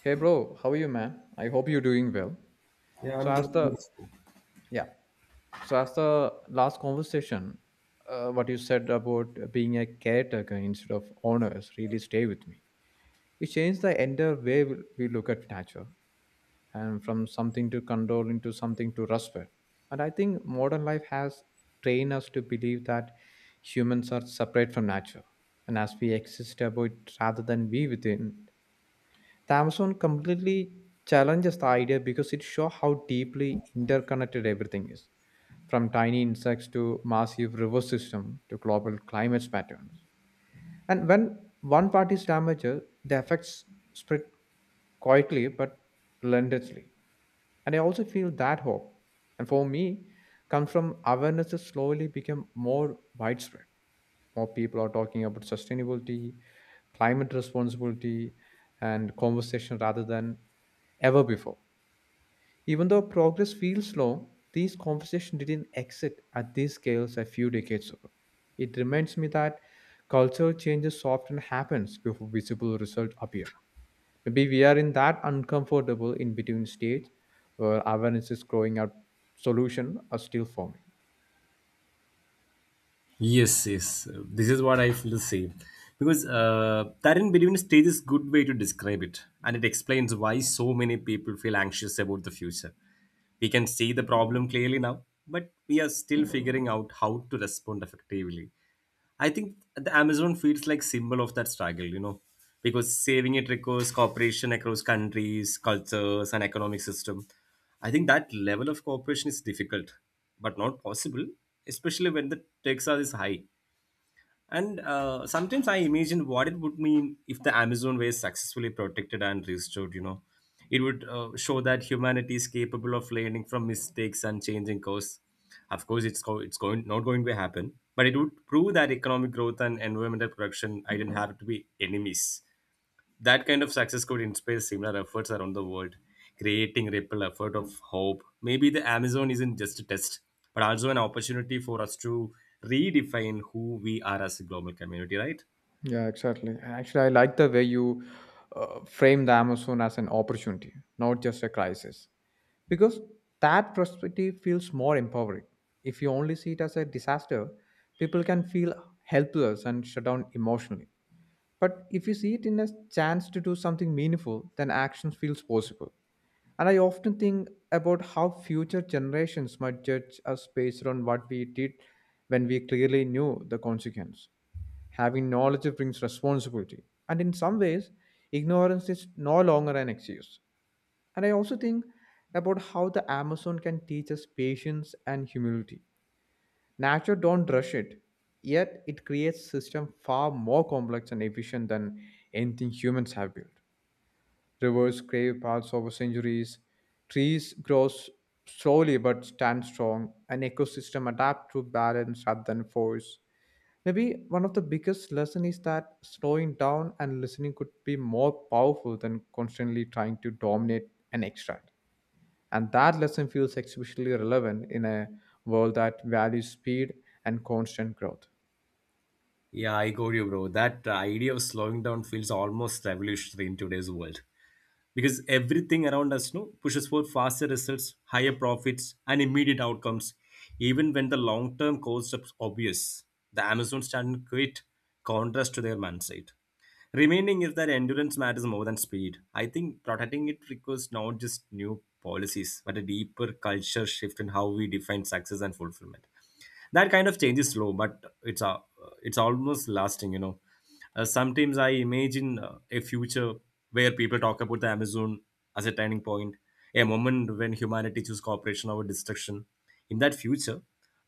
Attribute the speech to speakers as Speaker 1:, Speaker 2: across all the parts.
Speaker 1: Hey bro, how are you, man? I hope you're doing well.
Speaker 2: Yeah,
Speaker 1: So
Speaker 2: I'm
Speaker 1: as
Speaker 2: doing
Speaker 1: the
Speaker 2: good.
Speaker 1: yeah, so as the last conversation, what you said about being a caretaker instead of owners really stay with me. It changed the entire way we look at nature, and from something to control into something to respect. And I think modern life has trained us to believe that humans are separate from nature, and as we exist about rather than be within Amazon completely challenges the idea because it shows how deeply interconnected everything is, from tiny insects to massive river system to global climate patterns. And when one part is damaged, the effects spread quietly but relentlessly. And I also feel that hope, and for me, comes from awareness that slowly become more widespread more people are talking about sustainability, climate responsibility, and conversation rather than ever before. Even though progress feels slow, these conversations didn't exit at these scales a few decades ago. It reminds me that cultural changes often happens before visible results appear. Maybe we are in that uncomfortable in between stage where awareness is growing out solution are still forming.
Speaker 2: Yes, yes. This is what I feel the same. Because that in between stage is good way to describe it. And it explains why so many people feel anxious about the future. We can see the problem clearly now, but we are still figuring out how to respond effectively. I think the Amazon feels like symbol of that struggle, because saving it requires cooperation across countries, cultures, and economic system. I think that level of cooperation is difficult, but not possible, especially when the taxes are is high. And sometimes I imagine what it would mean if the Amazon were successfully protected and restored. It would show that humanity is capable of learning from mistakes and changing course. Of course, it's, go- it's going not going to happen, but it would prove that economic growth and environmental protection I didn't have to be enemies. That kind of success could inspire similar efforts around the world, creating ripple effort of hope. Maybe the Amazon isn't just a test, but also an opportunity for us to redefine who we are as a global community, right?
Speaker 1: Yeah, exactly. Actually, I like the way you frame the Amazon as an opportunity, not just a crisis, because that perspective feels more empowering. If you only see it as a disaster, people can feel helpless and shut down emotionally. But if you see it in a chance to do something meaningful, then action feels possible. And I often think about how future generations might judge us based on what we did when we clearly knew the consequence. Having knowledge brings responsibility, and in some ways, ignorance is no longer an excuse. And I also think about how the Amazon can teach us patience and humility. Nature don't rush it, yet it creates system far more complex and efficient than anything humans have built. Rivers crave paths over centuries, trees grow s- slowly but stand strong, An ecosystem adapt to balance rather than force. Maybe one of the biggest lesson is that slowing down and listening could be more powerful than constantly trying to dominate and extract. And that lesson feels especially relevant in a world that values speed and constant growth.
Speaker 2: Yeah, I got you, bro. That idea of slowing down feels almost revolutionary in today's world. Because everything around us pushes for faster results, higher profits, and immediate outcomes, even when the long term costs are obvious. The Amazons stand in great contrast to their mindset. Remaining is that endurance matters more than speed. I think protecting it requires not just new policies, but a deeper culture shift in how we define success and fulfillment. That kind of change is slow, but it's almost lasting. Sometimes I imagine a future where people talk about the Amazon as a turning point, a moment when humanity chooses cooperation over destruction. In that future,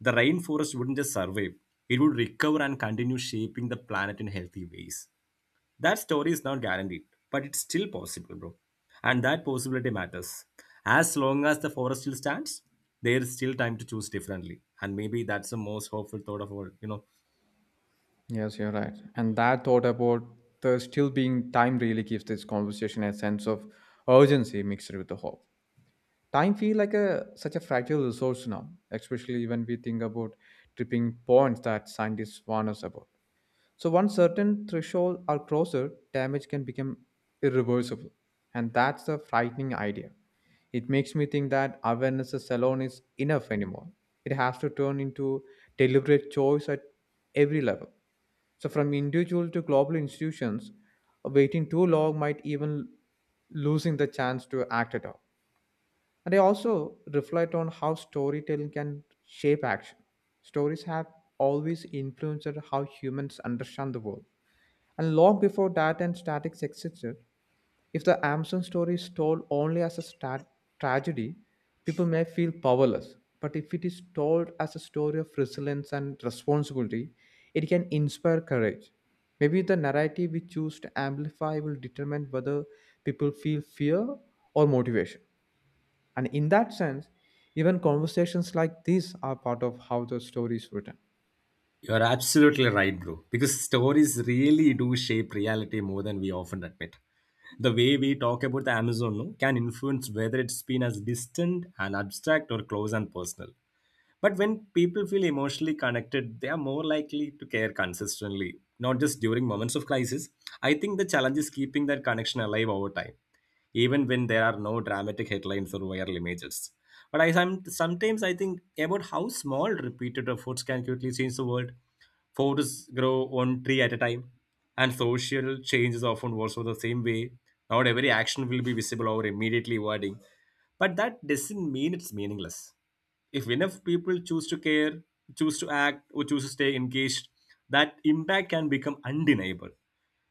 Speaker 2: the rainforest wouldn't just survive, it would recover and continue shaping the planet in healthy ways. That story is not guaranteed, but it's still possible, bro. And that possibility matters. As long as the forest still stands, there is still time to choose differently. And maybe that's the most hopeful thought of all, you know.
Speaker 1: Yes, you're right. And that thought about there still being time really gives this conversation a sense of urgency mixed with the hope. Time feels like a such a fragile resource now, especially when we think about tripping points that scientists warn us about. So once certain thresholds are crossed, damage can become irreversible. And that's a frightening idea. It makes me think that awareness alone is enough anymore. It has to turn into deliberate choice at every level. So from individual to global institutions, waiting too long might even losing the chance to act at all. And I also reflect on how storytelling can shape action. Stories have always influenced how humans understand the world and long before data and statics existed, if the Amazon story is told only as a tragedy, people may feel powerless. But if it is told as a story of resilience and responsibility, it can inspire courage. Maybe the narrative we choose to amplify will determine whether people feel fear or motivation. And in that sense, even conversations like this are part of how the story is written.
Speaker 2: You're absolutely right, bro. Because stories really do shape reality more than we often admit. The way we talk about the Amazon no, can influence whether it's been as distant and abstract or close and personal. But when people feel emotionally connected, they are more likely to care consistently, not just during moments of crisis. I think the challenge is keeping that connection alive over time, even when there are no dramatic headlines or viral images. But I sometimes I think about how small repeated efforts can quickly change the world. Forests grow one tree at a time, and social change is often also the same way. Not every action will be visible or immediately rewarding, but that doesn't mean it's meaningless if enough people choose to care, choose to act, or choose to stay engaged, that impact can become undeniable.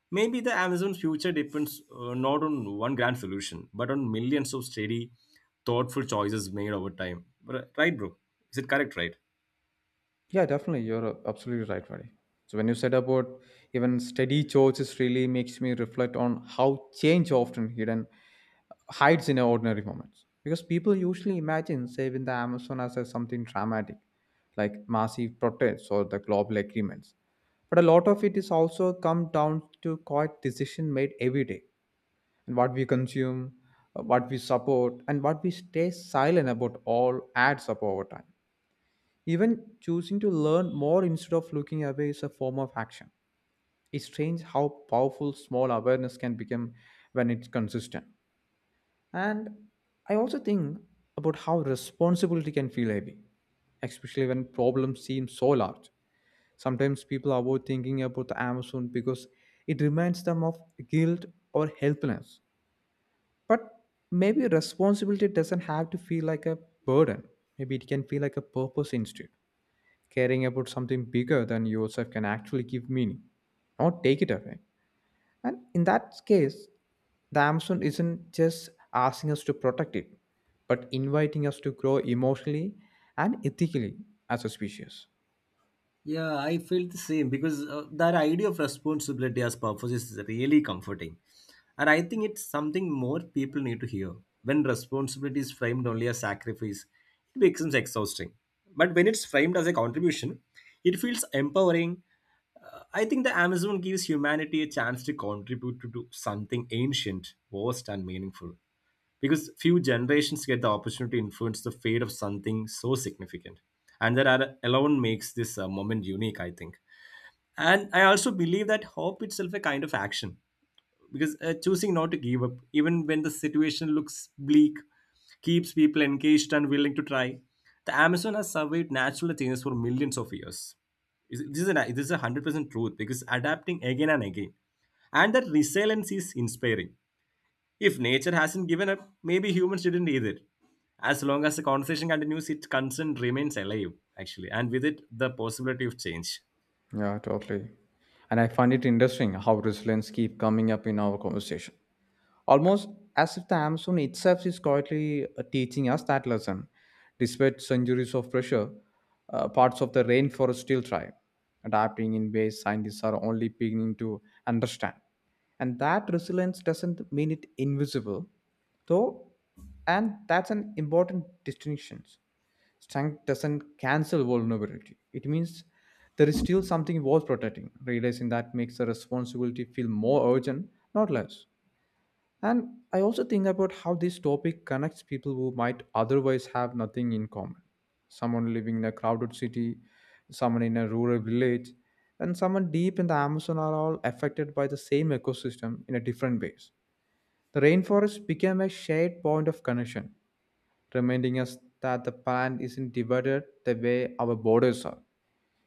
Speaker 2: Maybe the Amazon future depends, not on one grand solution, but on millions of steady, thoughtful choices made over time. Right, bro. Is it correct, right?
Speaker 1: Yeah, definitely. You're absolutely right, Vadi. So when you said about even steady choices really makes me reflect on how change often hidden hides in our ordinary moments. Because people usually imagine saving the Amazon as a something dramatic, like massive protests or the global agreements. But a lot of it is also come down to quiet decision made every day and what we consume, what we support, and what we stay silent about all adds up over time even choosing to learn more instead of looking away is a form of action. It's strange how powerful small awareness can become when it's consistent. And I also think about how responsibility can feel heavy, especially when problems seem so large. Sometimes people avoid thinking about the Amazon because it reminds them of guilt or helplessness. But maybe responsibility doesn't have to feel like a burden. Maybe it can feel like a purpose instead caring about something bigger than yourself can actually give meaning, not take it away. And in that case, the Amazon isn't just asking us to protect it, but inviting us to grow emotionally and ethically as a species.
Speaker 2: Yeah, I felt the same because that idea of responsibility as purpose is really comforting. And I think it's something more people need to hear. When responsibility is framed only as sacrifice, it becomes exhausting. But when it's framed as a contribution, it feels empowering. I think the Amazon gives humanity a chance to contribute to something ancient, vast, and meaningful, because few generations get the opportunity to influence the fate of something so significant, and that alone makes this moment unique, I think. And I also believe that hope itself a kind of action because choosing not to give up even when the situation looks bleak keeps people engaged and willing to try. The Amazon has survived natural changes for millions of years. This is a 100% truth because adapting again and again, and that resilience is inspiring. If nature hasn't given up, maybe humans didn't either. As long as the conversation continues, its concern remains alive, actually, and with it, the possibility of change.
Speaker 1: Yeah, totally. And I find it interesting how resilience keep coming up in our conversation. Almost as if the Amazon itself is quietly teaching us that lesson. Despite centuries of pressure, parts of the rainforest still thrive, adapting in ways scientists are only beginning to understand. And that resilience doesn't mean it invisible, though, and that's an important distinction. Strength doesn't cancel vulnerability. It means there is still something worth protecting. Realizing that makes the responsibility feel more urgent, not less. And I also think about how this topic connects people who might otherwise have nothing in common. Someone living in a crowded city, someone in a rural village, and someone deep in the Amazon are all affected by the same ecosystem in a different ways. The rainforest became a shared point of connection, reminding us that the planet isn't divided the way our borders are.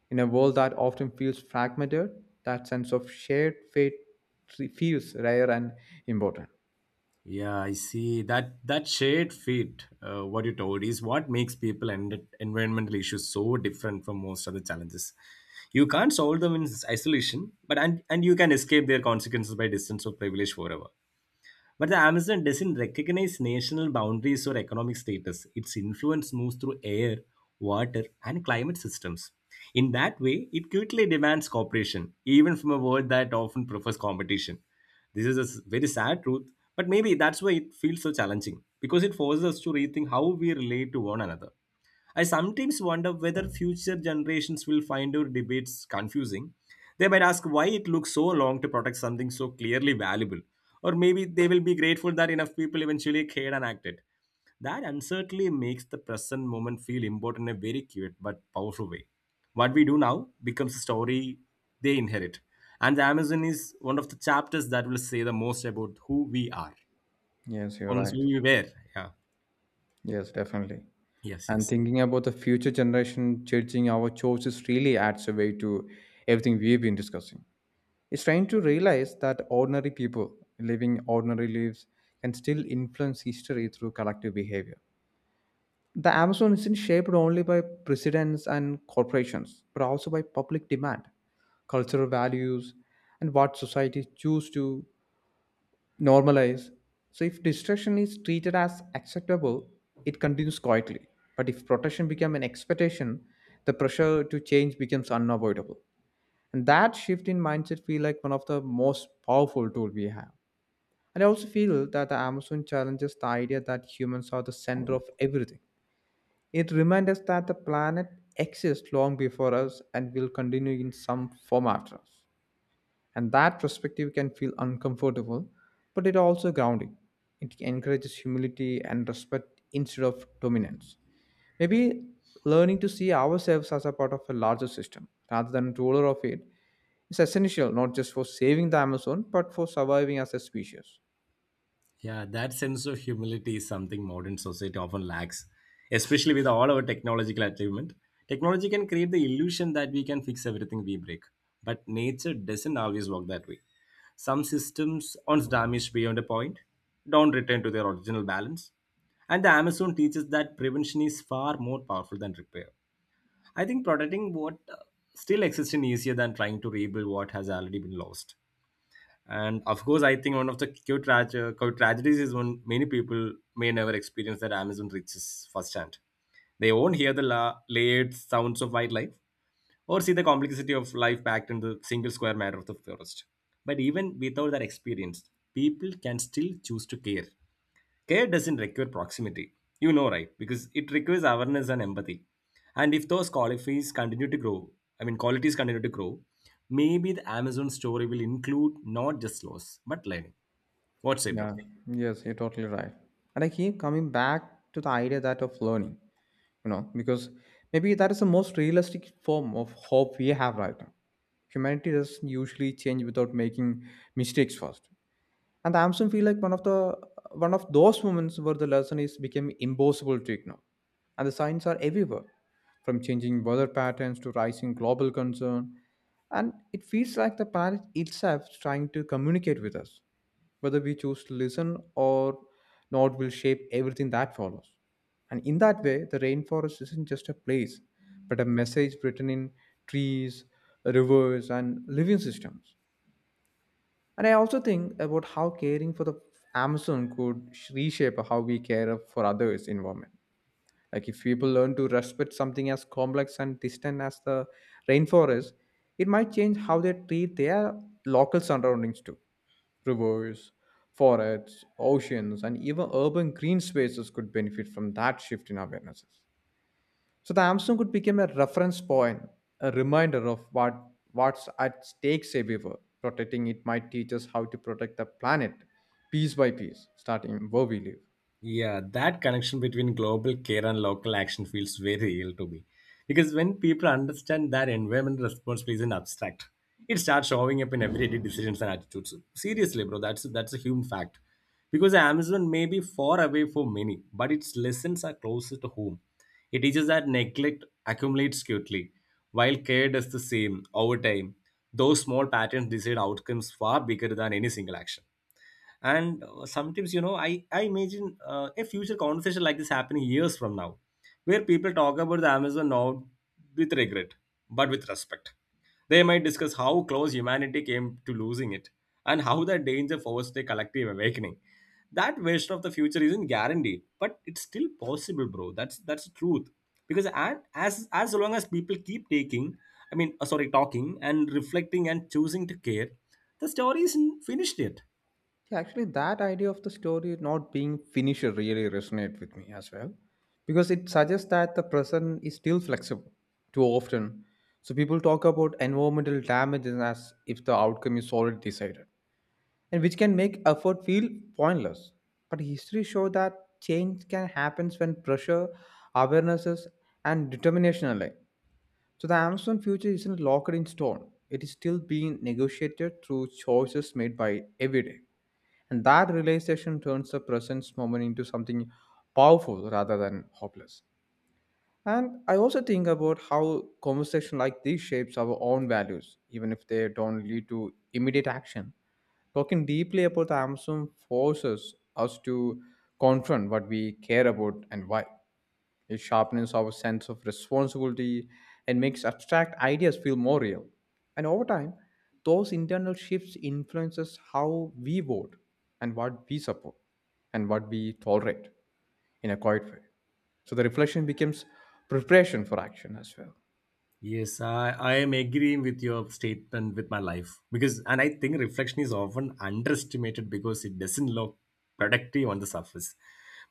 Speaker 1: In a world that often feels fragmented, that sense of shared fate feels rare and important.
Speaker 2: Yeah, I see that that shared fate. What you told is what makes people and environmental issues so different from most other challenges. You can't solve them in isolation, but and you can escape their consequences by distance or privilege forever. But the Amazon doesn't recognize national boundaries or economic status. Its influence moves through air, water, and climate systems. In that way, it quickly demands cooperation, even from a world that often prefers competition. This is a very sad truth, but maybe that's why it feels so challenging because it forces us to rethink how we relate to one another. I sometimes wonder whether future generations will find our debates confusing. They might ask why it looks so long to protect something so clearly valuable. Or maybe they will be grateful that enough people eventually cared and acted. That uncertainty makes the present moment feel important in a very cute but powerful way. What we do now becomes a story they inherit. And the Amazon is one of the chapters that will say the most about who we are.
Speaker 1: Yes, you're
Speaker 2: Almost
Speaker 1: right.
Speaker 2: who we were. Yeah.
Speaker 1: Yes, definitely.
Speaker 2: Yes,
Speaker 1: And
Speaker 2: yes.
Speaker 1: thinking about the future generation judging our choices really adds a way to everything we've been discussing. It's trying to realize that ordinary people living ordinary lives can still influence history through collective behavior. The Amazon isn't shaped only by presidents and corporations, but also by public demand, cultural values, and what society choose to normalize. So if distraction is treated as acceptable, it continues quietly. But if protection becomes an expectation, the pressure to change becomes unavoidable. And that shift in mindset feel like one of the most powerful tool we have. And I also feel that the Amazon challenges the idea that humans are the center of everything. It reminds us that the planet exists long before us and will continue in some form after us. And that perspective can feel uncomfortable, but it also grounding. It encourages humility and respect instead of dominance. Maybe learning to see ourselves as a part of a larger system rather than ruler of it is essential not just for saving the Amazon but for surviving as a species.
Speaker 2: Yeah, that sense of humility is something modern society often lacks, especially with all our technological achievement. Technology can create the illusion that we can fix everything we break, but nature doesn't always work that way. Some systems, once damaged beyond a point, don't return to their original balance. And the Amazon teaches that prevention is far more powerful than repair. I think protecting what still exists is easier than trying to rebuild what has already been lost. And of course, I think one of the cute cute tragedies is when many people may never experience that Amazon riches firsthand. They won't hear the layered sounds of wildlife or see the complexity of life packed in the single square meter of the forest. But even without that experience, people can still choose to care. Care doesn't require proximity, you know, right? Because it requires awareness and empathy. And if those qualities continue to grow, I mean, qualities continue to grow, maybe the Amazon story will include not just loss, but learning. What's it, bro?
Speaker 1: Yeah, yes, you're totally right. And I keep coming back to the idea that of learning. You know because maybe that is the most realistic form of hope we have right now humanity doesn't usually change without making mistakes first and the Amazon feel like one of the one of those moments where the lesson is became impossible to ignore. And the signs are everywhere, from changing weather patterns to rising global concern. And it feels like the planet itself is trying to communicate with us. Whether we choose to listen or not will shape everything that follows. And in that way, the rainforest isn't just a place, but a message written in trees, rivers, and living systems. And I also think about how caring for the reshape how we care for others' environment. Like if people learn to respect something as complex and distant as the rainforest, it might change how they treat their local surroundings too. Rivers, forests, oceans, and even urban green spaces could benefit from that shift in awarenesses. So the Amazon could become a reference point, a reminder of what's at stake everywhere. Protecting it might teach us how to protect the planet piece by piece, starting where we live.
Speaker 2: Yeah, that connection between global care and local action feels very real to me. Because when people understand that environmental responsibility isn't abstract, it starts showing up in everyday decisions and attitudes. Seriously, bro, that's a human fact. Because Amazon may be far away for many, but its lessons are closer to home. It teaches that neglect accumulates quickly, while care does the same over time. Those small patterns decide outcomes far bigger than any single action. And sometimes, I imagine a future conversation like this happening years from now, where people talk about the Amazon not with regret, but with respect. They might discuss how close humanity came to losing it, and how that danger forced a collective awakening. That version of the future isn't guaranteed, but it's still possible, bro. That's the truth. Because at, as long as people keep taking, I mean, sorry, talking and reflecting and choosing to care, the story isn't finished yet.
Speaker 1: Yeah, actually, that idea of the story not being finished really resonates with me as well, because it suggests that the present is still flexible. Too often, so people talk about environmental damages as if the outcome is already decided and which can make effort feel pointless. But history shows that change can happen when pressure, awarenesses, and determination align. So the Amazon future isn't locked in stone. It is still being negotiated through choices made by every day. And that realization turns the present moment into something powerful rather than hopeless. And I also think about how conversation like this shapes our own values, even if they don't lead to immediate action. Talking deeply about the Amazon forces us to confront what we care about and why. It sharpens our sense of responsibility and makes abstract ideas feel more real. And over time, those internal shifts influences how we vote and what we support and what we tolerate in a quiet way. So the reflection becomes preparation for action as well.
Speaker 2: Yes, I am agreeing with your statement with my life, and I think reflection is often underestimated because it doesn't look productive on the surface.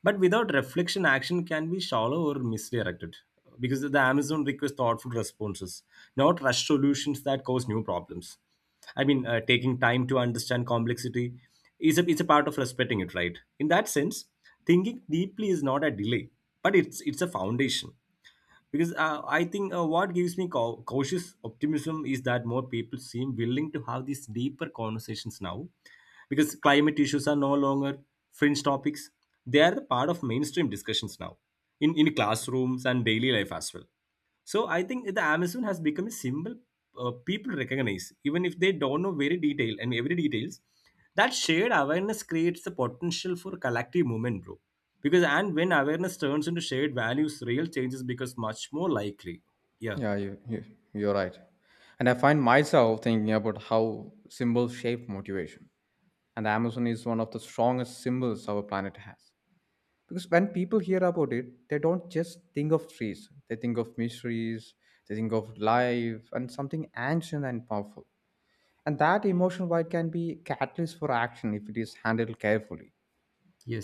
Speaker 2: But without reflection, action can be shallow or misdirected because the Amazon requires thoughtful responses, not rush solutions that cause new problems. I mean, taking time to understand complexity is it's a part of respecting it, right? In that sense, thinking deeply is not a delay, but it's a foundation because I think what gives me cautious optimism is that more people seem willing to have these deeper conversations now, because climate issues are no longer fringe topics. They are the part of mainstream discussions now, in classrooms and daily life as well. So I think the Amazon has become a symbol people recognize, even if they don't know very detail and every details. That shared awareness creates the potential for collective movement, bro. Because and when awareness turns into shared values, real changes becomes much more likely. Yeah.
Speaker 1: Yeah, you, you you're right. And I find myself thinking about how symbols shape motivation. And the Amazon is one of the strongest symbols our planet has, because when people hear about it, they don't just think of trees, they think of mysteries, they think of life and something ancient and powerful. And that emotional void can be a catalyst for action if it is handled carefully,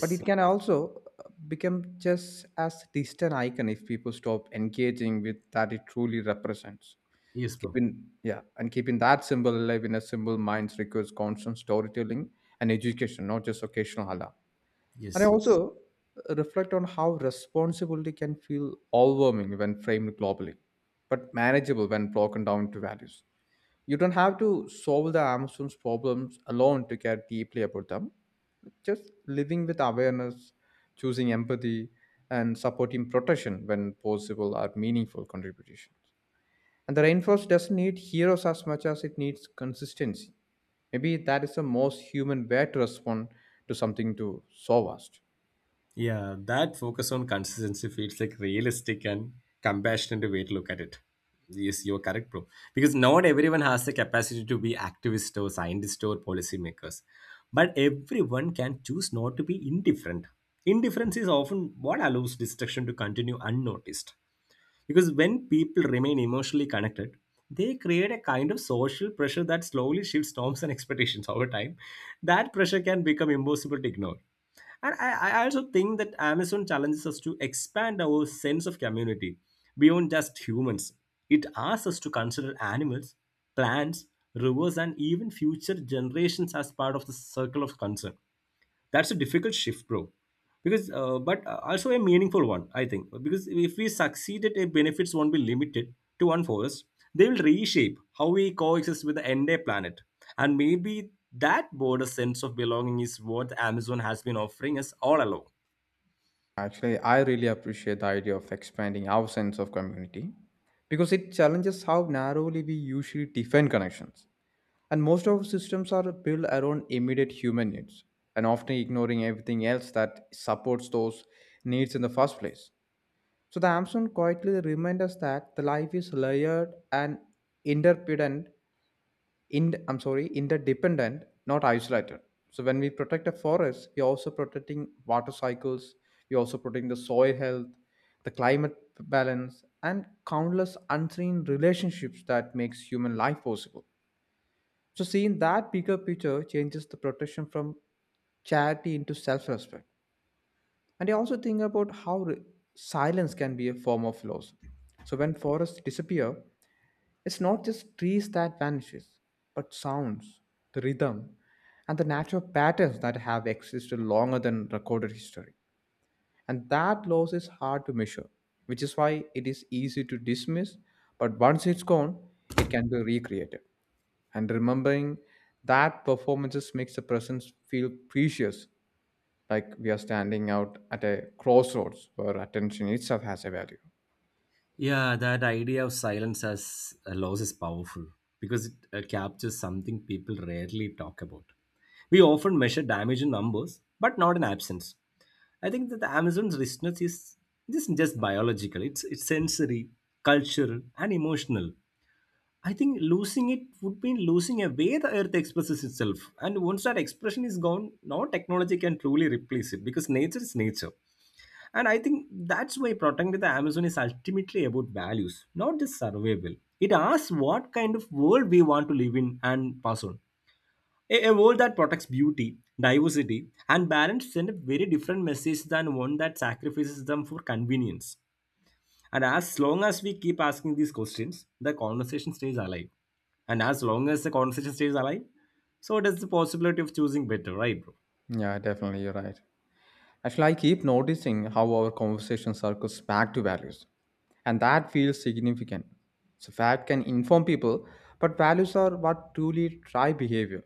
Speaker 1: but it can also become just as distant icon if people stop engaging with that it truly represents.
Speaker 2: Yes, bro.
Speaker 1: Keeping, yeah, and keeping that symbol alive in a simple minds requires constant storytelling and education, not just occasional hala. And I
Speaker 2: Yes. Yes.
Speaker 1: also reflect on how responsibility can feel overwhelming when framed globally, but manageable when broken down to values. You don't have to solve the Amazon's problems alone to care deeply about them. Just living with awareness, choosing empathy, and supporting protection when possible are meaningful contributions. And the rainforest doesn't need heroes as much as it needs consistency. Maybe that is the most human way to respond to something to so vast.
Speaker 2: Yeah, that focus on consistency feels like realistic and compassionate way to look at it. Yes, you're correct, bro. Because not everyone has the capacity to be activist or scientist or policymakers. But everyone can choose not to be indifferent. Indifference is often what allows destruction to continue unnoticed. Because when people remain emotionally connected, they create a kind of social pressure that slowly shifts norms and expectations over time. That pressure can become impossible to ignore. And I also think that Amazon challenges us to expand our sense of community beyond just humans. It asks us to consider animals, plants, rivers, and even future generations as part of the circle of concern. That's a difficult shift, bro. But also a meaningful one, I think. Because if we succeed, benefits won't be limited to one forest. They will reshape how we coexist with the entire planet, and maybe that broader sense of belonging is what the Amazon has been offering us all along.
Speaker 1: Actually, I really appreciate the idea of expanding our sense of community because it challenges how narrowly we usually define connections. And most of our systems are built around immediate human needs and often ignoring everything else that supports those needs in the first place. So the Amazon quietly reminds us that the life is layered and interdependent. In I'm sorry, interdependent, not isolated. So when we protect a forest, we are also protecting water cycles. We are also protecting the soil health, the climate balance, and countless unseen relationships that makes human life possible. So seeing that bigger picture changes the protection from charity into self-respect. And I also think about how silence can be a form of loss. So when forests disappear, it's not just trees that vanishes, but sounds, the rhythm, and the natural patterns that have existed longer than recorded history. And that loss is hard to measure, which is why it is easy to dismiss, but once it's gone, it can be recreated. And remembering that performances makes the presence feel precious, like we are standing out at a crossroads where attention itself has a value.
Speaker 2: Yeah, that idea of silence as a loss is powerful because it captures something people rarely talk about. We often measure damage in numbers, but not in absence. I think that the Amazon's richness is this isn't just biological, it's sensory, cultural, and emotional. I think losing it would mean losing a way the earth expresses itself. And once that expression is gone, no technology can truly replace it because nature is nature. And I think that's why protecting the Amazon is ultimately about values, not just survival. It asks what kind of world we want to live in and pass on. A world that protects beauty, diversity, and balance sends a very different message than one that sacrifices them for convenience. And as long as we keep asking these questions, the conversation stays alive. And as long as the conversation stays alive, so does the possibility of choosing better, right, bro?
Speaker 1: Yeah, definitely, you're right. Actually, I keep noticing how our conversation circles back to values, and that feels significant. So, fact can inform people, but values are what truly drive behavior.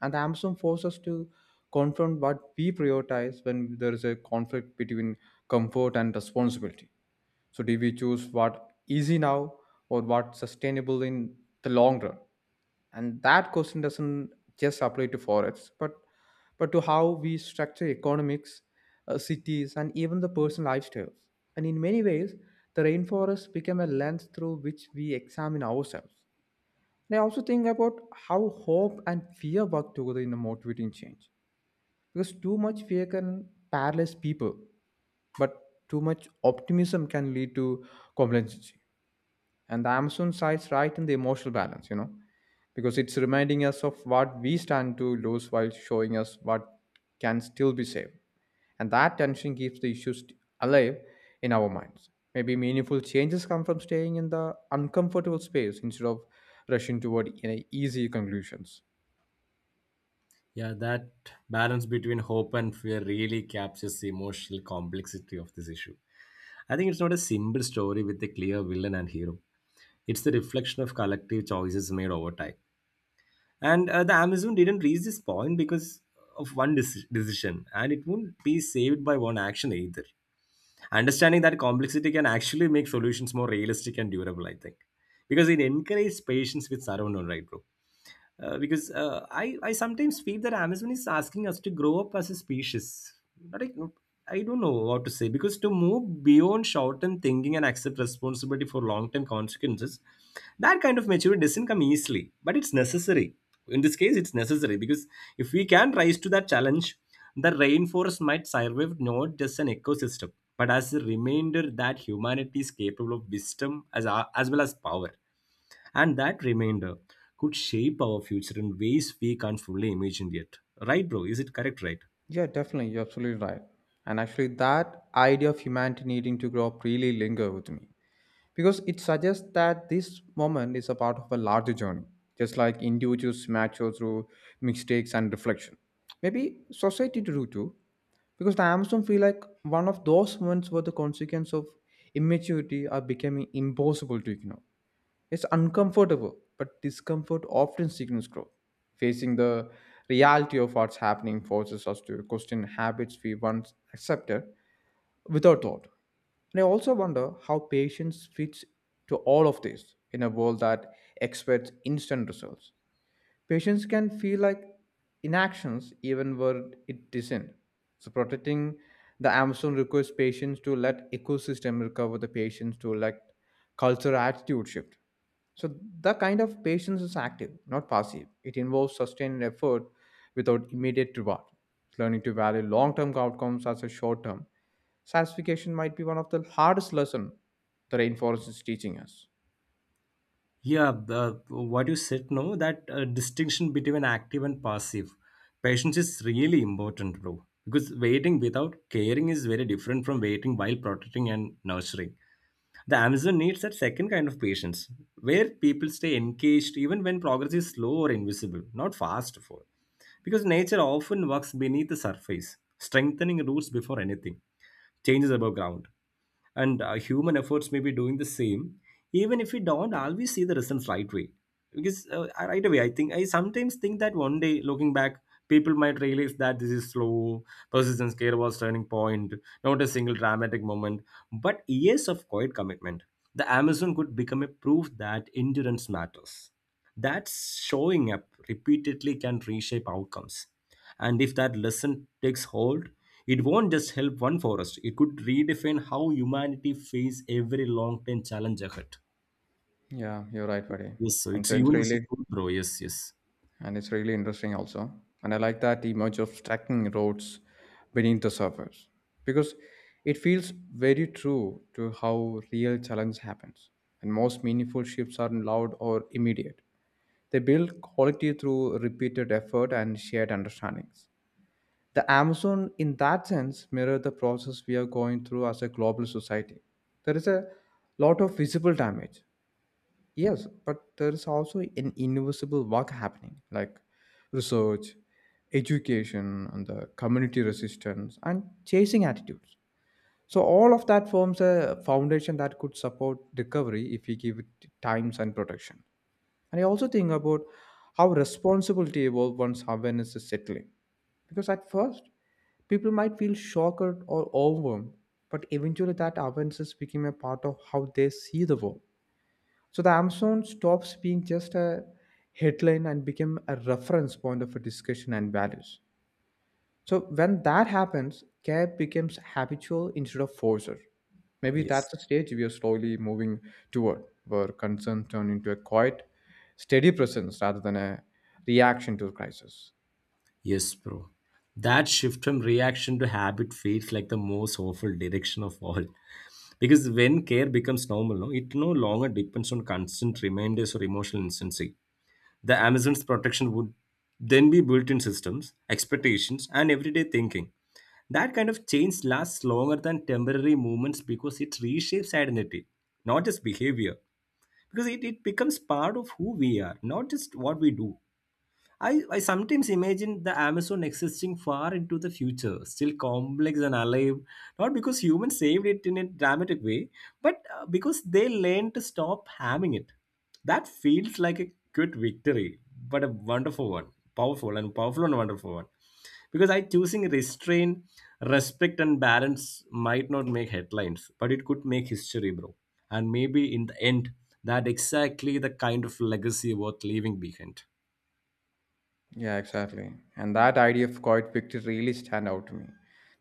Speaker 1: And the Amazon forces us to confront what we prioritize when there is a conflict between comfort and responsibility. So, do we choose what easy now or what sustainable in the long run? And that question doesn't just apply to forests, but to how we structure economics, cities, and even the personal lifestyles. And in many ways, the rainforest became a lens through which we examine ourselves. And I also think about how hope and fear work together in a motivating change, because too much fear can paralyze people, but too much optimism can lead to complacency. And the Amazon sides right in the emotional balance, you know, because it's reminding us of what we stand to lose while showing us what can still be saved. And that tension keeps the issues alive in our minds. Maybe meaningful changes come from staying in the uncomfortable space instead of rushing toward easy conclusions.
Speaker 2: Yeah, that balance between hope and fear really captures the emotional complexity of this issue. I think it's not a simple story with a clear villain and hero. It's the reflection of collective choices made over time, and the Amazon didn't reach this point because of decision, and it won't be saved by one action either. Understanding that complexity can actually make solutions more realistic and durable, I think, because it encourages patience with surrounding, right, bro? Because I sometimes feel that Amazon is asking us to grow up as a species. But I don't know what to say, because to move beyond short-term thinking and accept responsibility for long-term consequences, that kind of maturity doesn't come easily, but it's necessary. In this case, it's necessary because if we can rise to that challenge, the rainforest might survive not just an ecosystem, but as a reminder that humanity is capable of wisdom as well as power. And that remainder could shape our future in ways we can't fully imagine yet. Right, bro? Is it correct, right?
Speaker 1: Yeah, definitely, you're absolutely right. And actually, that idea of humanity needing to grow up really linger with me, because it suggests that this moment is a part of a larger journey, just like individuals mature through mistakes and reflection. Maybe society do too, because the Amazon feel like one of those moments where the consequence of immaturity are becoming impossible to ignore. It's uncomfortable, but discomfort often signals growth. Facing the reality of what's happening forces us to question habits we once accepted without thought. And I also wonder how patience fits to all of this in a world that expects instant results. Patients can feel like inactions even where it isn't. So protecting the Amazon requires patients to let ecosystem recover, the patients to let culture attitude shift. So the kind of patience is active, not passive. It involves sustained effort without immediate reward. Learning to value long-term outcomes as a short-term satisfaction might be one of the hardest lessons the rainforest is teaching us.
Speaker 2: Yeah, the, what you said, no, that distinction between active and passive. Patience is really important, bro. Because waiting without caring is very different from waiting while protecting and nurturing. The Amazon needs that second kind of patience, where people stay engaged even when progress is slow or invisible, not fast for. Because nature often works beneath the surface, strengthening roots before anything changes above ground. And human efforts may be doing the same, even if we don't always see the results right way. Because right away, I think I sometimes think that one day, looking back, people might realize that this is slow, persistence, care was turning point, not a single dramatic moment, but years of quiet commitment. The Amazon could become a proof that endurance matters. That's showing up repeatedly can reshape outcomes, and if that lesson takes hold, it won't just help one forest, it could redefine how humanity face every long term challenge ahead.
Speaker 1: Yeah, you're right, buddy.
Speaker 2: Yes, so
Speaker 1: And
Speaker 2: it's
Speaker 1: so
Speaker 2: a
Speaker 1: it's
Speaker 2: universal
Speaker 1: really
Speaker 2: truth, bro. Yes, yes,
Speaker 1: interesting also. And I like that image of tracking roads beneath the surface, because it feels very true to how real challenge happens. And most meaningful shifts aren't loud or immediate, they build quality through repeated effort and shared understandings. The Amazon in that sense mirror the process we are going through as a global society. There is a lot of visible damage. Yes, but there is also an invisible work happening, like research, education, and the community resistance and chasing attitudes. So all of that forms a foundation that could support recovery if we give it times and protection. And I also think about how responsibility evolves once awareness is settling. Because at first, people might feel shocked or overwhelmed, but eventually that awareness became a part of how they see the world. So the Amazon stops being just a headline and became a reference point of a discussion and values. So when that happens, care becomes habitual instead of forcer. Maybe
Speaker 2: yes,
Speaker 1: that's the stage we are slowly moving toward, where concern turn into a quiet, steady presence rather than a reaction to crisis.
Speaker 2: yes, bro. That shift from reaction to habit feels like the most awful direction of all. Because when care becomes normal, no, it no longer depends on constant reminders or emotional instancy. The Amazon's protection would then be built in systems, expectations, and everyday thinking. That kind of change lasts longer than temporary movements because it reshapes identity, not just behavior. Because it becomes part of who we are, not just what we do. I sometimes imagine the Amazon existing far into the future, still complex and alive, not because humans saved it in a dramatic way, but because they learned to stop harming it. That feels like a good victory, but a wonderful one, powerful and wonderful one. Because I choosing restraint, respect, and balance might not make headlines, but it could make history, bro. And maybe in the end, that exactly the kind of legacy worth leaving behind.
Speaker 1: Yeah, exactly. And that idea of quiet victory really stand out to me,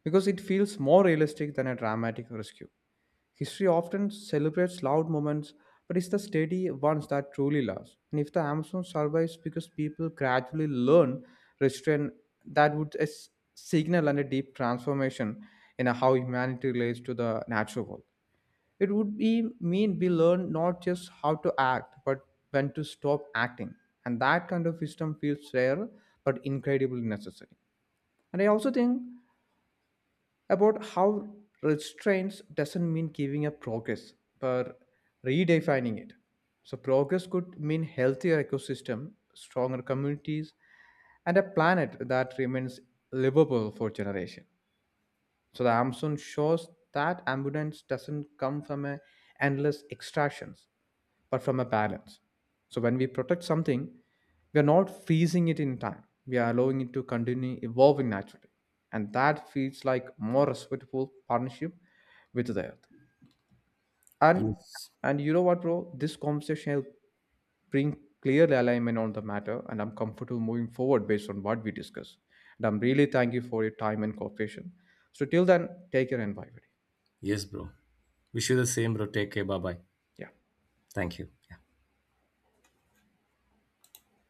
Speaker 1: because it feels more realistic than a dramatic rescue. History often celebrates loud moments, but it's the steady ones that truly last. And if the Amazon survives because people gradually learn restraint, that would signal and a deep transformation in how humanity relates to the natural world. It would be mean we learn not just how to act, but when to stop acting. And that kind of wisdom feels rare, but incredibly necessary. And I also think about how restraints doesn't mean giving up progress, but redefining it. So progress could mean healthier ecosystem, stronger communities, and a planet that remains livable for generation. So the Amazon shows that abundance doesn't come from a endless extractions, but from a balance. So when we protect something, we are not freezing it in time. We are allowing it to continue evolving naturally. And that feels like more respectful partnership with the earth. And
Speaker 2: Yes.
Speaker 1: and you know what, bro? This conversation helped bring clear alignment on the matter, and I'm comfortable moving forward based on what we discuss. And I'm really thank you for your time and cooperation. So till then, take care and bye, buddy.
Speaker 2: Yes, bro. Wish you the same, bro. Take care. Bye bye.
Speaker 1: Yeah.
Speaker 2: Thank you. Yeah.